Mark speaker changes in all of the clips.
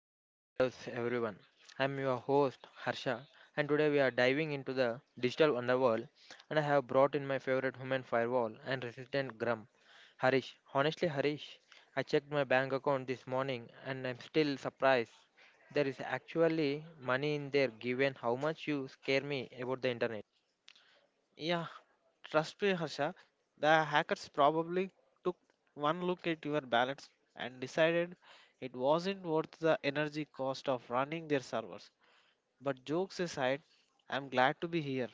Speaker 1: Silicon Shadows, everyone. I'm your host Harsha, and today we are diving into the digital underworld. And I have brought in my favorite human firewall and resistant grum, Harish. Honestly, Harish, I checked my bank account this morning, and I'm still surprised. There is actually money in there, given how much you scare me about the internet.
Speaker 2: Yeah, trust me, Harsha. The hackers probably took one look at your balance and decided it wasn't worth the energy cost of running their servers. But jokes aside, I'm glad to be here.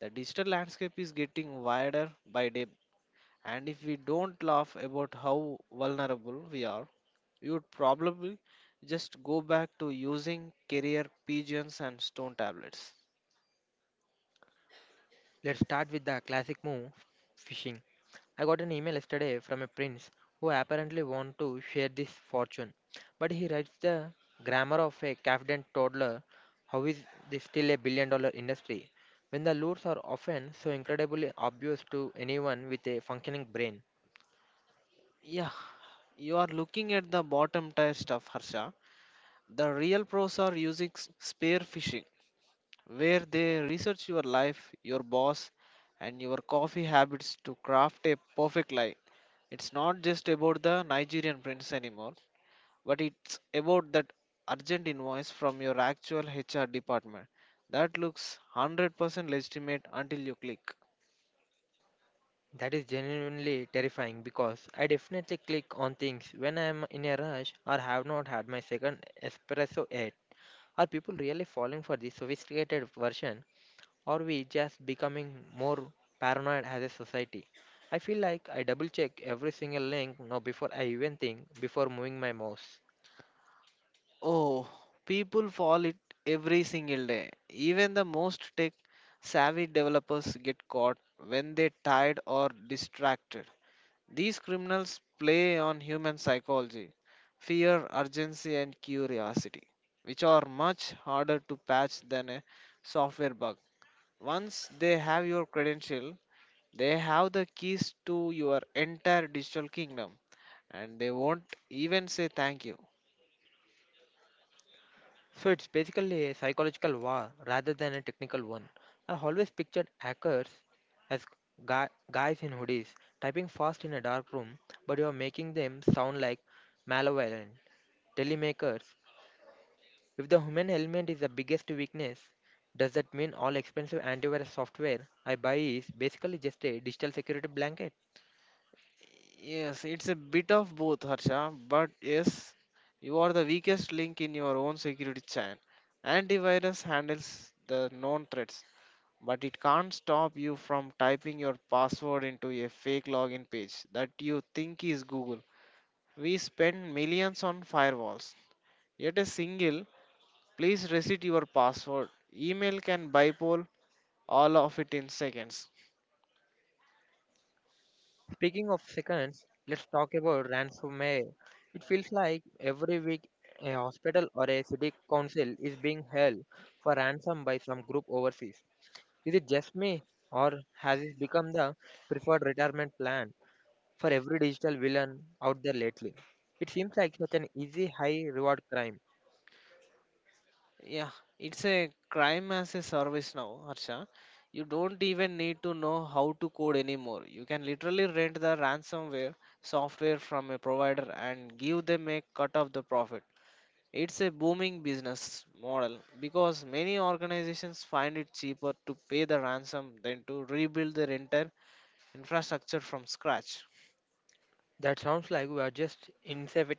Speaker 2: The digital landscape is getting wider by day, and if we don't laugh about how vulnerable we are, we would probably just go back to using carrier pigeons and stone tablets.
Speaker 1: Let's start with the classic move, phishing. I got an email yesterday from a prince who apparently wants to share this fortune, but he writes the grammar of a confident toddler. How is this still a $1 billion industry when the lures are often so incredibly obvious to anyone with a functioning brain?
Speaker 2: Yeah, you are looking at the bottom tier stuff, Harsha. The real pros are using spear phishing, where they research your life, your boss, and your coffee habits to craft a perfect lie. It's not just about the Nigerian prince anymore, but it's about that urgent invoice from your actual HR department that looks 100% legitimate until you click.
Speaker 1: That is genuinely terrifying because I definitely click on things when I am in a rush or have not had my second espresso yet. Are people really falling for this sophisticated version? Are we just becoming more paranoid as a society? I feel like I double check every single link now before I even think, before moving my mouse.
Speaker 2: Oh, people fall it every single day. Even the most tech savvy developers get caught when they're tired or distracted. These criminals play on human psychology, fear, urgency, and curiosity, which are much harder to patch than a software bug. Once they have your credential, they have the keys to your entire digital kingdom and they won't even say thank you.
Speaker 1: So it's basically a psychological war rather than a technical one. I always pictured hackers as guys in hoodies typing fast in a dark room, but you are making them sound like malevolent telemakers. If the human element is the biggest weakness, does that mean all expensive antivirus software I buy is basically just a digital security blanket?
Speaker 2: Yes, it's a bit of both, Harsha, but yes, you are the weakest link in your own security chain. Antivirus handles the known threats, but it can't stop you from typing your password into a fake login page that you think is Google. We spend millions on firewalls, yet a single please reset your password email can bypass all of it in seconds.
Speaker 1: Speaking of seconds, let's talk about ransomware. It feels like every week a hospital or a city council is being held for ransom by some group overseas. Is it just me, or has it become the preferred retirement plan for every digital villain out there lately? It seems like such an easy, high reward crime.
Speaker 2: Yeah, it's a crime as a service now, Harsha. You don't even need to know how to code anymore. You can literally rent the ransomware software from a provider and give them a cut of the profit. It's a booming business model because many organizations find it cheaper to pay the ransom than to rebuild their entire infrastructure from scratch.
Speaker 1: That sounds like we are just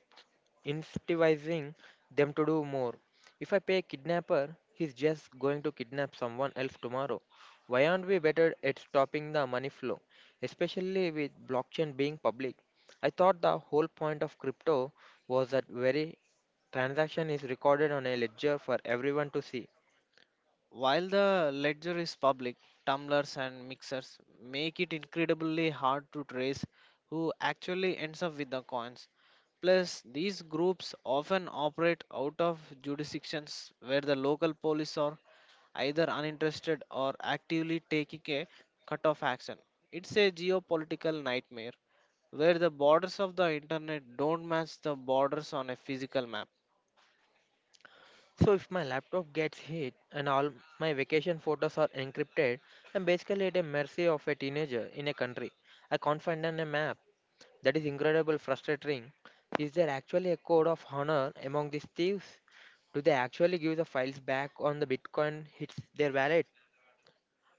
Speaker 1: incentivizing them to do more. If I pay a kidnapper, he's just going to kidnap someone else tomorrow. Why aren't we better at stopping the money flow, especially with blockchain being public? I thought the whole point of crypto was that every transaction is recorded on a ledger for everyone to see.
Speaker 2: While the ledger is public, tumblers and mixers make it incredibly hard to trace who actually ends up with the coins. Plus, these groups often operate out of jurisdictions where the local police are either uninterested or actively taking a cut off action. It's a geopolitical nightmare where the borders of the internet don't match the borders on a physical map.
Speaker 1: So if my laptop gets hit and all my vacation photos are encrypted, I'm basically at a mercy of a teenager in a country I can't find on a map. That is incredible frustrating. Is there actually a code of honor among these thieves? Do they actually give the files back on the Bitcoin hits their wallet?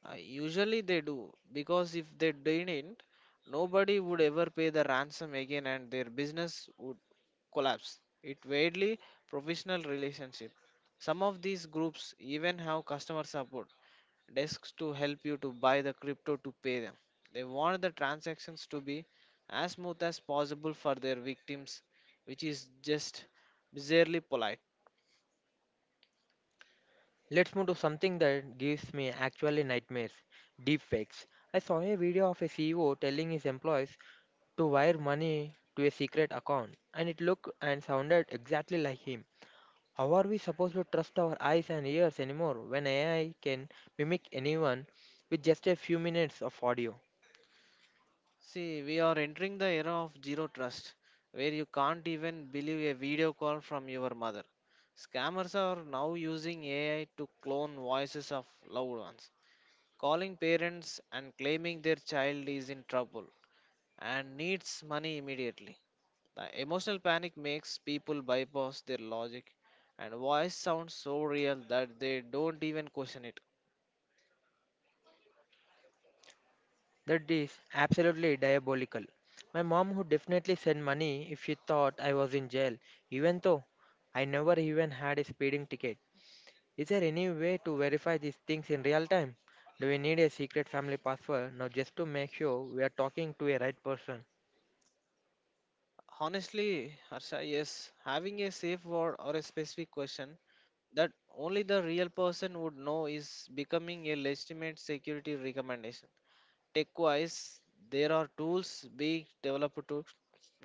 Speaker 2: Usually they do, because if they didn't, nobody would ever pay the ransom again and their business would collapse. It weirdly professional relationship. Some of these groups even have customer support desks to help you to buy the crypto to pay them. They want the transactions to be as smooth as possible for their victims, which is just bizarrely polite.
Speaker 1: Let's move to something that gives me actually nightmares. Deepfakes. I saw a video of a CEO telling his employees to wire money to a secret account, and it looked and sounded exactly like him. How are we supposed to trust our eyes and ears anymore when AI can mimic anyone with just a few minutes of audio?
Speaker 2: See, we are entering the era of zero trust, where you can't even believe a video call from your mother. Scammers are now using AI to clone voices of loved ones, calling parents and claiming their child is in trouble and needs money immediately. The emotional panic makes people bypass their logic, and voice sounds so real that they don't even question it.
Speaker 1: That is absolutely diabolical. My mom would definitely send money if she thought I was in jail, even though I never even had a speeding ticket. Is there any way to verify these things in real time? Do we need a secret family password now just to make sure we are talking to a right person?
Speaker 2: Honestly, Harsha, yes, having a safe word or a specific question that only the real person would know is becoming a legitimate security recommendation. Tech wise, there are tools being developed to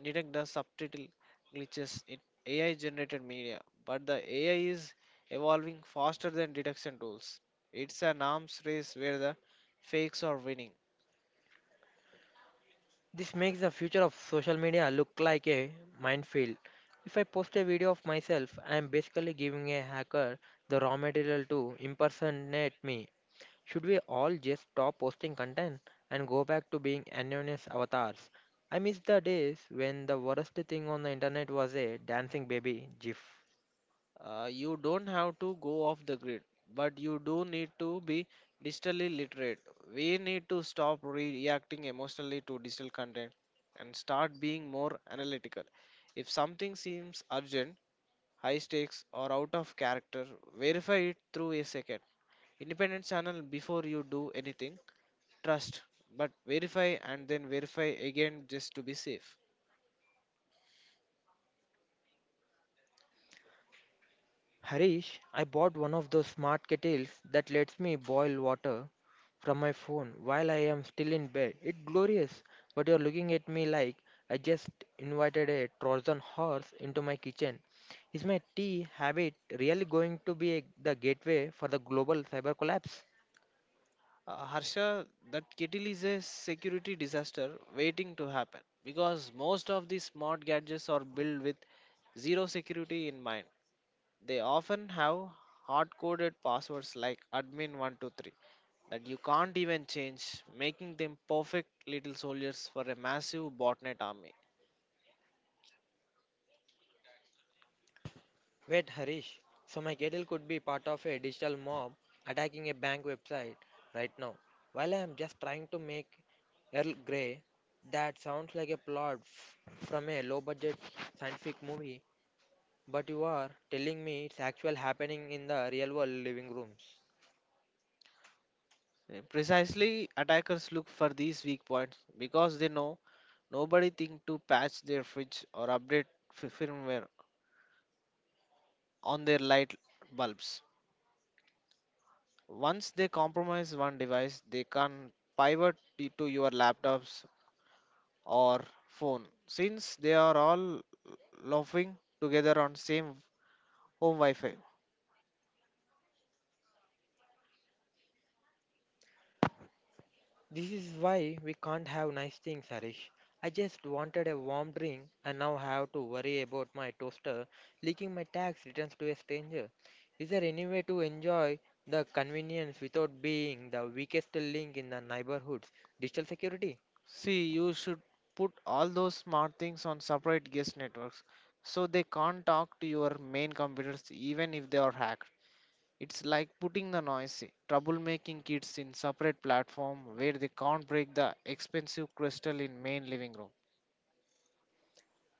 Speaker 2: detect the subtitle glitches in AI generated media, but the AI is evolving faster than detection tools. It's an arms race where the fakes are winning.
Speaker 1: This makes the future of social media look like a minefield. If I post a video of myself, I am basically giving a hacker the raw material to impersonate me. Should we all just stop posting content and go back to being anonymous avatars? I miss the days when the worst thing on the internet was a dancing baby gif.
Speaker 2: You don't have to go off the grid, but you do need to be digitally literate. We need to stop reacting emotionally to digital content and start being more analytical. If something seems urgent, high stakes, or out of character, verify it through a second independent channel before you do anything. Trust, but verify and then verify again just to be safe.
Speaker 1: Harish, I bought one of those smart kettles that lets me boil water from my phone while I am still in bed. It's glorious, but you're looking at me like I just invited a Trojan horse into my kitchen. Is my tea habit really going to be the gateway for the global cyber collapse?
Speaker 2: Harsha, that kettle is a security disaster waiting to happen because most of these smart gadgets are built with zero security in mind. They often have hard coded passwords like admin123 that you can't even change, making them perfect little soldiers for a massive botnet army.
Speaker 1: Wait, Harish. So my Gradle could be part of a digital mob attacking a bank website right now, while I am just trying to make Earl Grey. That sounds like from a low-budget scientific movie. But you are telling me it's actual happening in the real world living rooms.
Speaker 2: Precisely, attackers look for these weak points because they know nobody think to patch their fridge or update firmware on their light bulbs. Once they compromise one device, they can pivot it to your laptops or phone since they are all loafing together on same home Wi-Fi.
Speaker 1: This is why we can't have nice things, Harish. I just wanted a warm drink and now have to worry about my toaster leaking my tax returns to a stranger. Is there any way to enjoy the convenience without being the weakest link in the neighborhood's digital security?
Speaker 2: See, you should put all those smart things on separate guest networks so they can't talk to your main computers even if they are hacked. It's like putting the noisy, troublemaking kids in separate platform where they can't break the expensive crystal in main living room.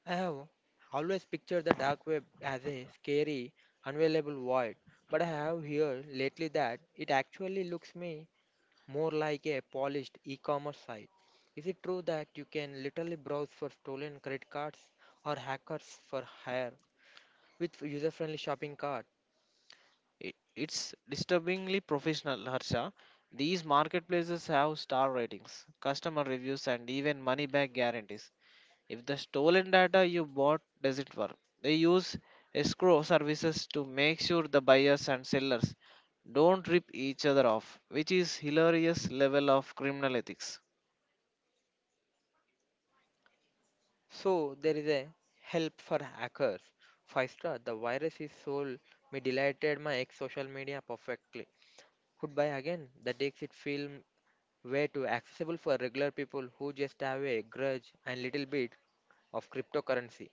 Speaker 1: I have always pictured the dark web as a scary, unavailable void, but I have heard lately that it actually looks me more like a polished e-commerce site. Is it true that you can literally browse for stolen credit cards or hackers for hire with user-friendly shopping cart?
Speaker 2: I- It's disturbingly professional, Harsha. These marketplaces have star ratings, customer reviews, and even money back guarantees. If the stolen data you bought doesn't work, they use escrow services to make sure the buyers and sellers don't rip each other off, which is hilarious level of criminal ethics.
Speaker 1: So there is a help for hackers. Five star. The virus is sold. Me deleted my ex social media perfectly. Could buy again. The takes it film way too accessible for regular people who just have a grudge and little bit of cryptocurrency.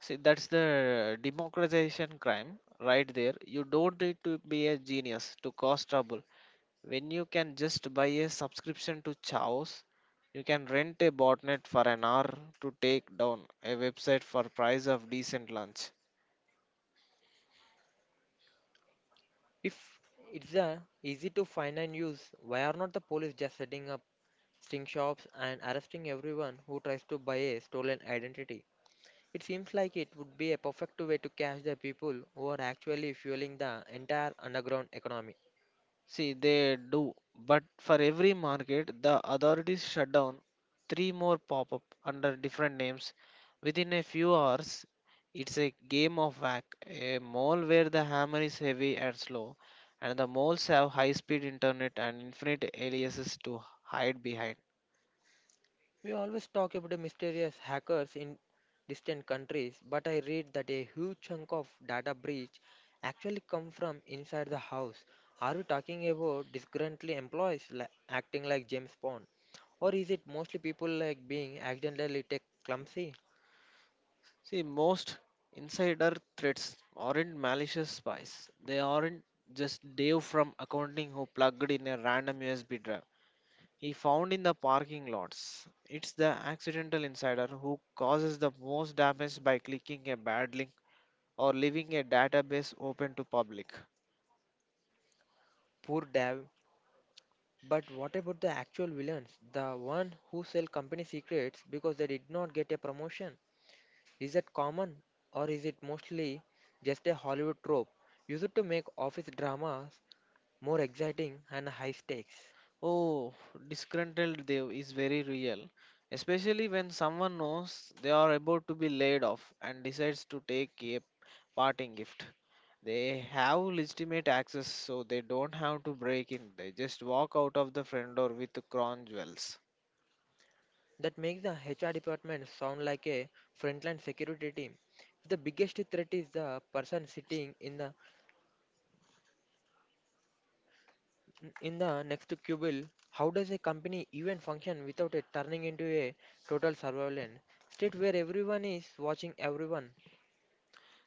Speaker 2: See, that's the democratization crime right there. You don't need to be a genius to cause trouble. When you can just buy a subscription to Chaos, you can rent a botnet for an hour to take down a website for price of decent lunch.
Speaker 1: If it's a easy to find and use, why are not the police just setting up sting shops, and arresting everyone who tries to buy a stolen identity? It seems like it would be a perfect way to catch the people who are actually fueling the entire underground economy.
Speaker 2: See, they do, but for every market, the authorities shut down three more pop up under different names within a few hours. It's a game of whack, a mole where the hammer is heavy and slow, and the moles have high speed internet and infinite aliases to hide behind.
Speaker 1: We always talk about the mysterious hackers in distant countries, but I read that a huge chunk of data breach actually come from inside the house. Are we talking about disgruntled employees acting like James Bond? Or is it mostly people like being accidentally tech clumsy?
Speaker 2: See, most insider threats aren't malicious spies. They aren't just Dave from accounting who plugged in a random USB drive. He found in the parking lots. It's the accidental insider who causes the most damage by clicking a bad link or leaving a database open to public.
Speaker 1: Poor dev. But what about the actual villains? The one who sell company secrets because they did not get a promotion? Is that common, or is it mostly just a Hollywood trope used to make office dramas more exciting and high stakes?
Speaker 2: Oh, disgruntled Dev is very real, especially when someone knows they are about to be laid off and decides to take a parting gift. They have legitimate access, so they don't have to break in. They just walk out of the front door with crown jewels.
Speaker 1: That makes the HR department sound like a frontline security team. The biggest threat is the person sitting in the In the next quibble. How does a company even function without it turning into a total surveillance state where everyone is watching everyone?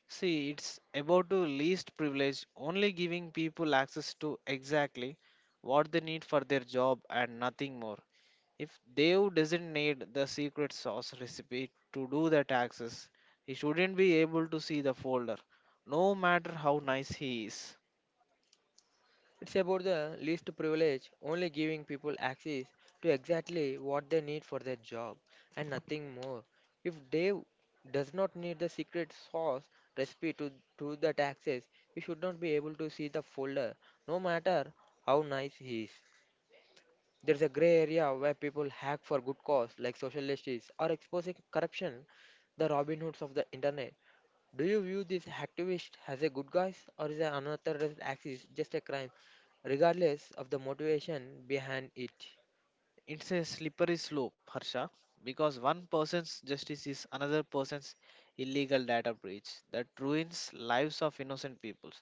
Speaker 2: See, it's about to least privilege, only giving people access to exactly what they need for their job and nothing more. If Dev doesn't need the secret sauce recipe to do the taxes, he shouldn't be able to see the folder, no matter how nice he is.
Speaker 1: It's about the least privilege, only giving people access to exactly what they need for their job and nothing more. If Dave does not need the secret sauce recipe to that access, we should not be able to see the folder, no matter how nice he is. There's a gray area where people hack for good cause, like social justice, or exposing corruption, the Robin Hoods of the internet. Do you view these activists as a good guys, or is an unauthorized axis just a crime, regardless of the motivation behind it?
Speaker 2: It's a slippery slope, Harsha, because one person's justice is another person's illegal data breach that ruins lives of innocent people.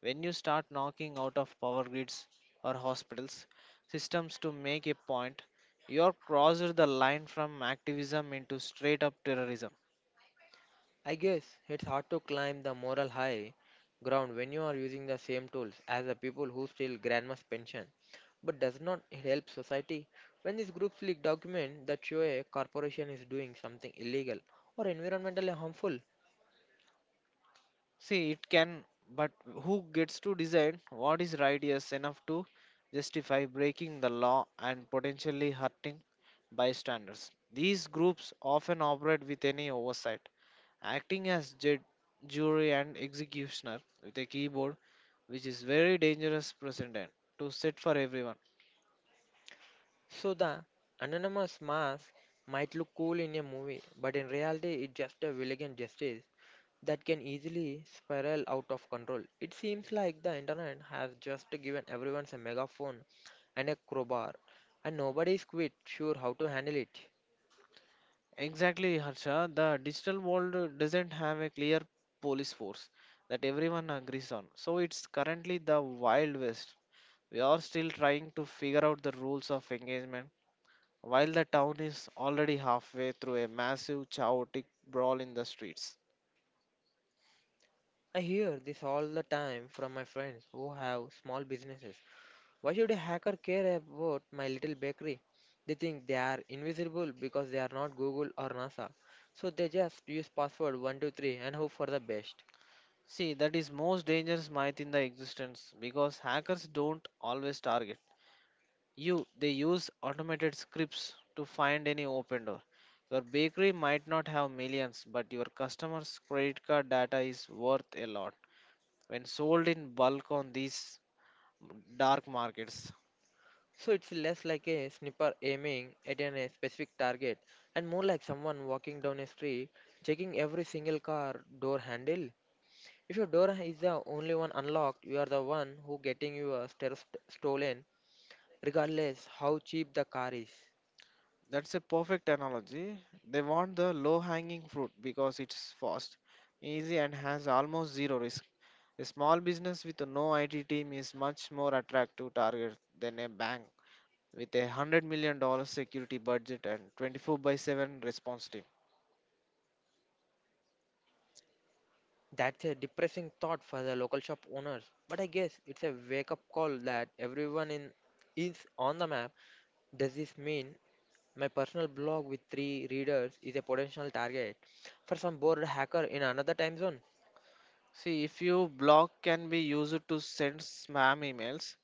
Speaker 2: When you start knocking out of power grids or hospitals systems to make a point, you are crossed the line from activism into straight up terrorism.
Speaker 1: I guess it's hard to climb the moral high ground when you are using the same tools as the people who steal grandma's pension, but does not it help society when these groups leak document that show a corporation is doing something illegal or environmentally harmful?
Speaker 2: See, it can, but who gets to decide what is righteous enough to justify breaking the law and potentially hurting bystanders? These groups often operate with any oversight, acting as judge, jury, and executioner with a keyboard, which is very dangerous precedent to set for everyone.
Speaker 1: So the anonymous mask might look cool in a movie, but in reality it's just a villain justice that can easily spiral out of control. It seems like the internet has just given everyone a megaphone and a crowbar, and nobody is quite sure how to handle it.
Speaker 2: Exactly, Harsha. The digital world doesn't have a clear police force that everyone agrees on, so it's currently the wild west. We are still trying to figure out the rules of engagement while the town is already halfway through a massive chaotic brawl in the streets.
Speaker 1: I hear this all the time from my friends who have small businesses. Why should a hacker care about my little bakery? They think they are invisible because they are not Google or NASA. So they just use password 123 and hope for the best.
Speaker 2: See, that is most dangerous myth in the existence because hackers don't always target you. They use automated scripts to find any open door. Your bakery might not have millions, but your customers' credit card data is worth a lot when sold in bulk on these dark markets.
Speaker 1: So it's less like a sniper aiming at a specific target, and more like someone walking down a street checking every single car door handle. If your door is the only one unlocked, you are the one who getting your stairs stolen regardless how cheap the car is.
Speaker 2: That's a perfect analogy. They want the low hanging fruit because it's fast, easy, and has almost zero risk. A small business with no IT team is much more attractive target than a bank with a $100 million dollars security budget and 24 by 7 response team.
Speaker 1: That's a depressing thought for the local shop owners, but I guess it's a wake up call that everyone in is on the map. Does this mean my personal blog with three readers is a potential target for some bored hacker in another time zone?
Speaker 2: See, if your blog can be used to send spam emails,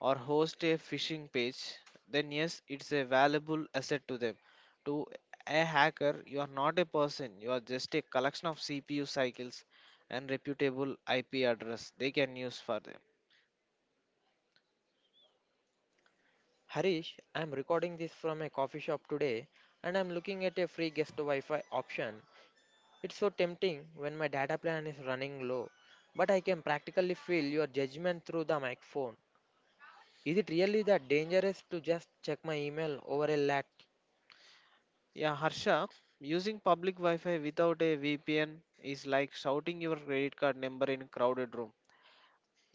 Speaker 2: or host a phishing page, then yes, it's a valuable asset to them. To a hacker, you are not a person, you are just a collection of CPU cycles and reputable IP address they can use for them.
Speaker 1: Harish, I am recording this from a coffee shop today, and I am looking at a free guest Wi Fi option. It's so tempting when my data plan is running low, but I can practically feel your judgment through the microphone. Is it really that dangerous to just check my email over a lat?
Speaker 2: Yeah, Harsha, using public Wi Fi without a VPN is like shouting your credit card number in a crowded room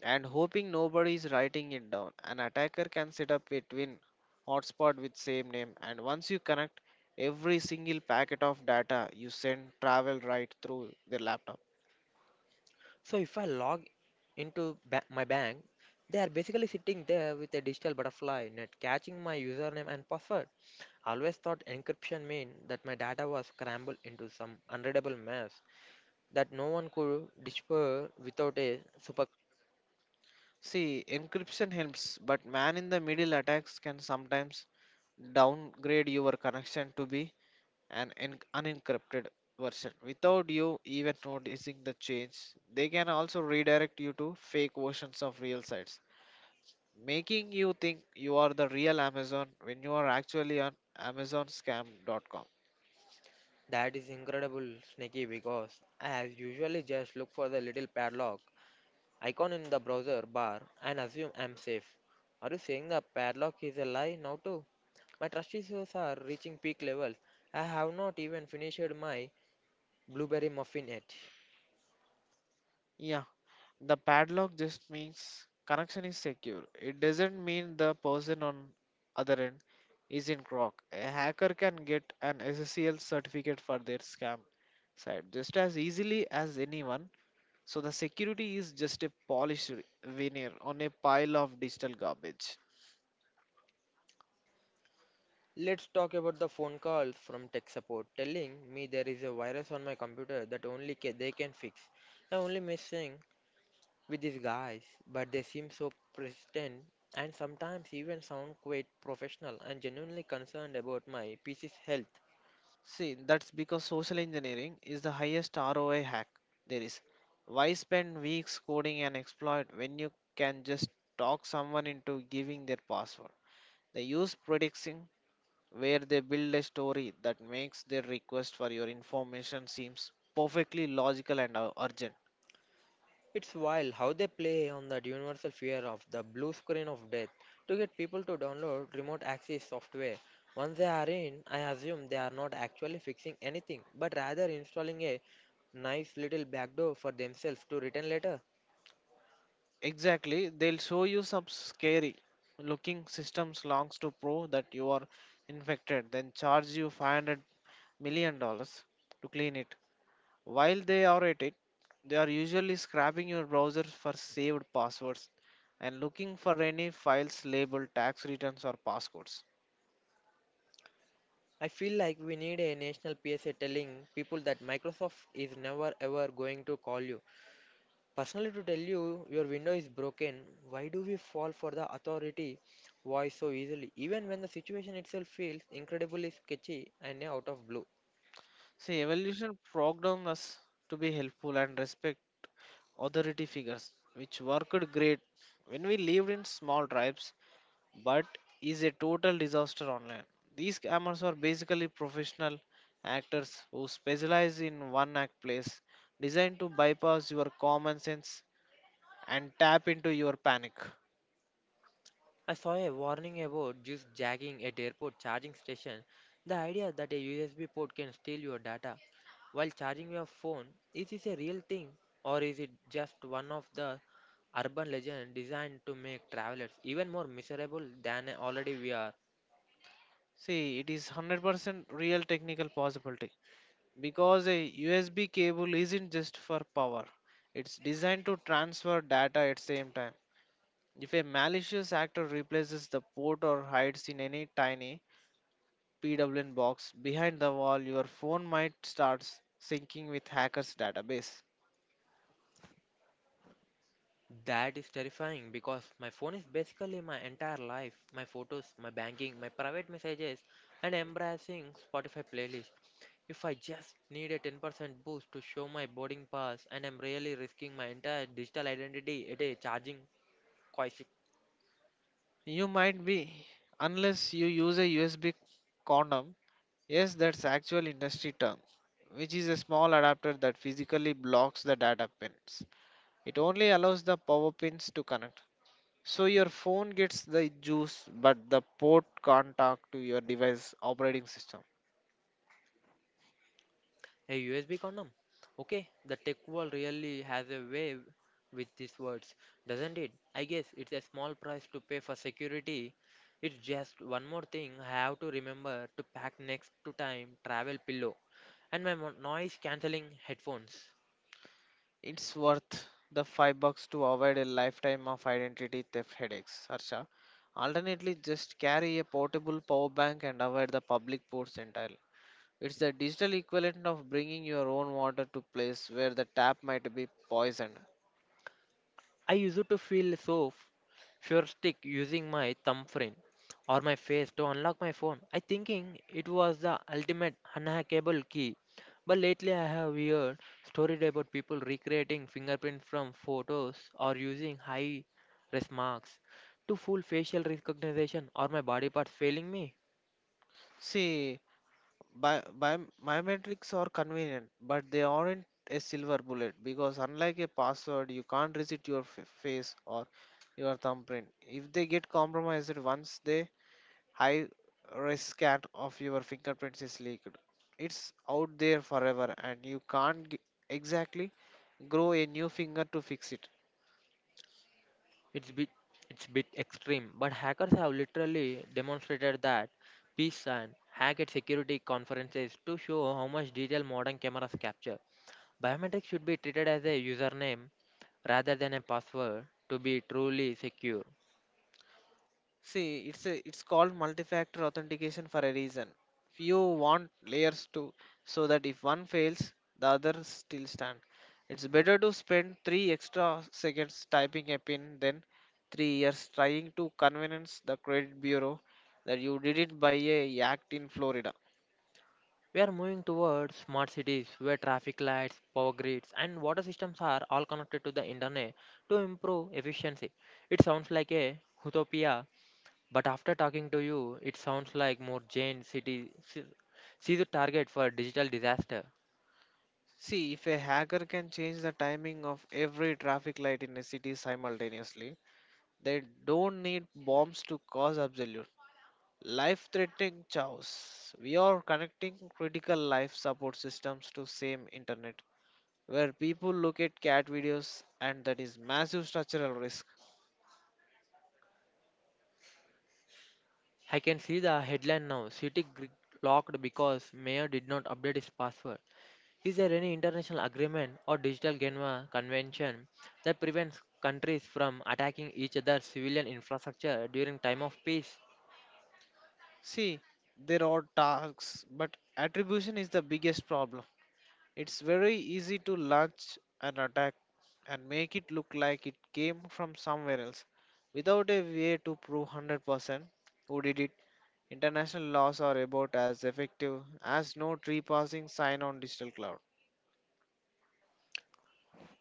Speaker 2: and hoping nobody is writing it down. An attacker can set up a twin hotspot with same name and once you connect every single packet of data you send travel right through their laptop.
Speaker 1: So if I log into my bank, they are basically sitting there with a digital butterfly net catching my username and password. Always thought encryption meant that my data was scrambled into some unreadable mess that no one could decipher without a super.
Speaker 2: See, encryption helps, but man in the middle attacks can sometimes downgrade your connection to be an unencrypted version without you even noticing the change. They can also redirect you to fake versions of real sites making you think you are the real Amazon when you are actually on AmazonScam.com.
Speaker 1: That is incredible, sneaky because I usually just look for the little padlock icon in the browser bar and assume I'm safe. Are you saying the padlock is a lie now too? My trust issues are reaching peak levels. I have not even finished my blueberry muffin yet.
Speaker 2: Yeah, the padlock just means connection is secure. It doesn't mean the person on other end is in crock. A hacker can get an SSL certificate for their scam site just as easily as anyone. So the security is just a polished veneer on a pile of digital garbage.
Speaker 1: Let's talk about the phone calls from tech support telling me there is a virus on my computer that only they can fix. I'm only messing with these guys, but they seem so persistent and sometimes even sound quite professional and genuinely concerned about my PC's health.
Speaker 2: See, that's because social engineering is the highest ROI hack there is. Why spend weeks coding an exploit when you can just talk someone into giving their password? They use predicting where they build a story that makes their request for your information seems perfectly logical and urgent.
Speaker 1: It's wild how they play on that universal fear of the blue screen of death to get people to download remote access software. Once they are in, I assume they are not actually fixing anything, but rather installing a nice little backdoor for themselves to return later.
Speaker 2: Exactly, they'll show you some scary looking systems logs to prove that you are infected, then charge you 500 million dollars to clean it. While they are at it, they are usually scraping your browser for saved passwords and looking for any files labeled tax returns or passcodes.
Speaker 1: I feel like we need a national PSA telling people that Microsoft is never ever going to call you personally, to tell you, your window is broken. Why do we fall for the authority voice so easily, even when the situation itself feels incredibly sketchy and out of blue?
Speaker 2: See, evolution programmed us to be helpful and respect authority figures, which worked great when we lived in small tribes, but is a total disaster online. These scammers are basically professional actors who specialize in one act plays designed to bypass your common sense and tap into your panic.
Speaker 1: I saw a warning about just jagging at airport charging station. The idea that a USB port can steal your data while charging your phone, is this a real thing, or is it just one of the urban legends designed to make travelers even more miserable than already we are?
Speaker 2: See, it is 100% real technical possibility because a USB cable isn't just for power, it's designed to transfer data at same time. If a malicious actor replaces the port or hides in any tiny PWN box behind the wall, your phone might start syncing with hacker's database.
Speaker 1: That is terrifying because my phone is basically my entire life, my photos, my banking, my private messages, and embracing Spotify playlist. If I just need a 10% boost to show my boarding pass, and I'm really risking my entire digital identity at a charging crisis.
Speaker 2: You might be, unless you use a USB condom. Yes, that's actual industry term, which is a small adapter that physically blocks the data pins. It only allows the power pins to connect. So your phone gets the juice, but the port can't talk to your device operating system.
Speaker 1: A USB condom? Okay, the tech world really has a way with these words, doesn't it? I guess it's a small price to pay for security. It's just one more thing I have to remember to pack next to time travel pillow and my noise cancelling headphones.
Speaker 2: It's worth the $5 to avoid a lifetime of identity theft headaches, Harsha. Alternately, just carry a portable power bank and avoid the public ports entirely. It's the digital equivalent of bringing your own water to place where the tap might be poisoned.
Speaker 1: I used to feel so futuristic using my thumbprint or my face to unlock my phone. I thinking it was the ultimate unhackable key. But lately I have heard stories about people recreating fingerprint from photos or using high res marks to fool facial recognition or my body parts failing me.
Speaker 2: See, biometrics are convenient, but they aren't a silver bullet because unlike a password, you can't reset your face or your thumbprint. If they get compromised once, the high risk scan of your fingerprints is leaked. It's out there forever, and you can't g- exactly grow a new finger to fix it.
Speaker 1: It's bit it's bit extreme, but hackers have literally demonstrated that peace and hack at security conferences to show how much detail modern cameras capture. Biometrics should be treated as a username rather than a password to be truly secure.
Speaker 2: See, it's called multi-factor authentication for a reason. You want layers to so that if one fails, the other still stand. It's better to spend three extra seconds typing a pin than 3 years trying to convince the credit bureau that you did it by a act in Florida.
Speaker 1: We are moving towards smart cities where traffic lights, power grids, and water systems are all connected to the internet to improve efficiency. It sounds like a utopia, but after talking to you, it sounds like more Jane City see the target for digital disaster.
Speaker 2: See, if a hacker can change the timing of every traffic light in a city simultaneously, they don't need bombs to cause absolute. Life threatening chaos. We are connecting critical life support systems to same internet where people look at cat videos and that is massive structural risk.
Speaker 1: I can see the headline now. City locked because mayor did not update his password. Is there any international agreement or digital Geneva convention that prevents countries from attacking each other's civilian infrastructure during time of peace?
Speaker 2: See, there are tasks, but attribution is the biggest problem. It's very easy to launch an attack and make it look like it came from somewhere else without a way to prove 100% who did it. International laws are about as effective as no tree passing sign on digital cloud.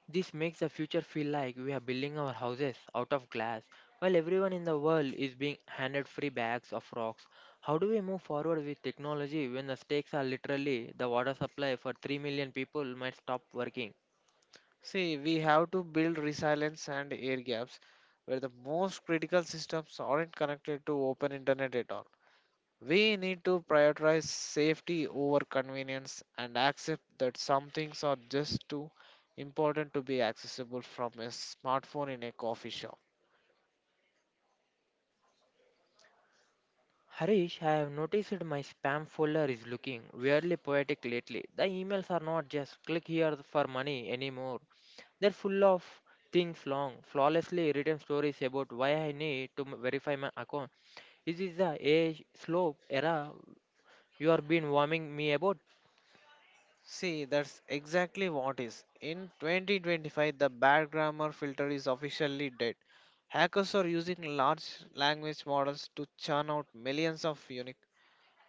Speaker 1: This makes the future feel like we are building our houses out of glass while everyone in the world is being handed free bags of rocks. How do we move forward with technology when the stakes are literally the water supply for 3 million people might stop working?
Speaker 2: See, we have to build resilience and air gaps where the most critical systems aren't connected to open internet at all. We need to prioritize safety over convenience and accept that some things are just too important to be accessible from a smartphone in a coffee shop.
Speaker 1: Harish, I have noticed my spam folder is looking weirdly poetic lately. The emails are not just click here for money anymore. They're full of things long, flawlessly written stories about why I need to verify my account. This is the age slope era you are been warming me about.
Speaker 2: See, that's exactly what is. In 2025, the bad grammar filter is officially dead. Hackers are using large language models to churn out millions of unique.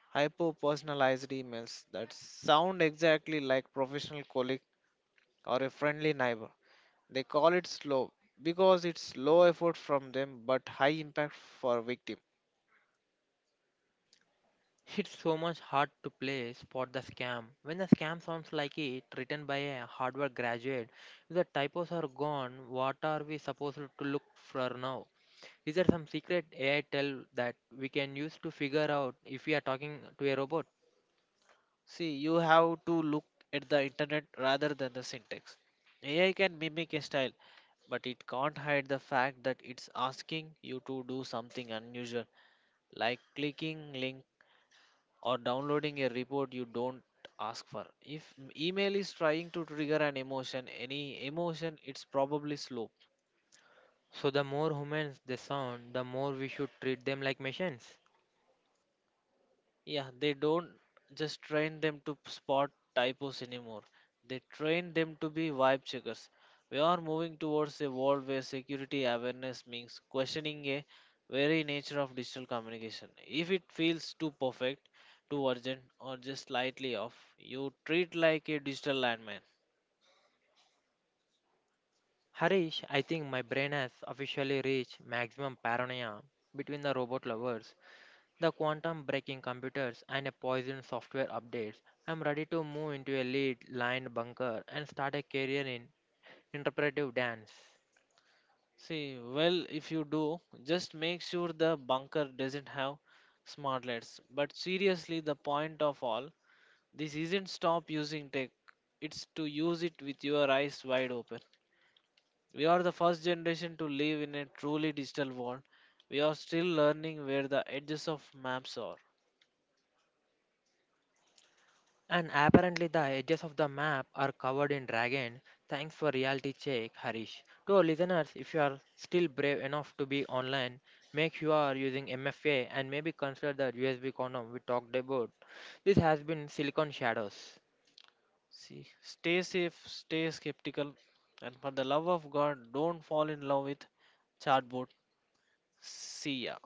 Speaker 2: Hyper personalized emails that sound exactly like professional colleague or a friendly neighbor. They call it slow because it's low effort from them but high impact for victim.
Speaker 1: It's so much hard to play spot the scam. When the scam sounds like it written by a Harvard graduate, if the typos are gone, what are we supposed to look for now? Is there some secret AI tell that we can use to figure out if we are talking to a robot?
Speaker 2: See, you have to look at the internet rather than the syntax. AI can mimic a style, but it can't hide the fact that it's asking you to do something unusual, like clicking links or downloading a report you don't ask for. If email is trying to trigger an emotion, any emotion, it's probably slow.
Speaker 1: So the more humans they sound, the more we should treat them like machines.
Speaker 2: Yeah, they don't just train them to spot typos anymore. They train them to be vibe checkers. We are moving towards a world where security awareness means questioning a very nature of digital communication. If it feels too perfect, too urgent, or just slightly off, you treat like a digital landmine.
Speaker 1: Harish, I think my brain has officially reached maximum paranoia between the robot lovers, the quantum breaking computers and a poison software updates. I'm ready to move into a lead lined bunker and start a career in interpretive dance.
Speaker 2: See, well, if you do, just make sure the bunker doesn't have smartlets. But seriously, the point of all this isn't stop using tech, it's to use it with your eyes wide open. We are the first generation to live in a truly digital world. We are still learning where the edges of maps are.
Speaker 1: And apparently the edges of the map are covered in dragon. Thanks for reality check, Harish. To our listeners, if you are still brave enough to be online, make sure you are using MFA and maybe consider the USB condom we talked about. This has been Silicon Shadows.
Speaker 2: See, stay safe, stay skeptical, and for the love of God, don't fall in love with chatbot. See ya.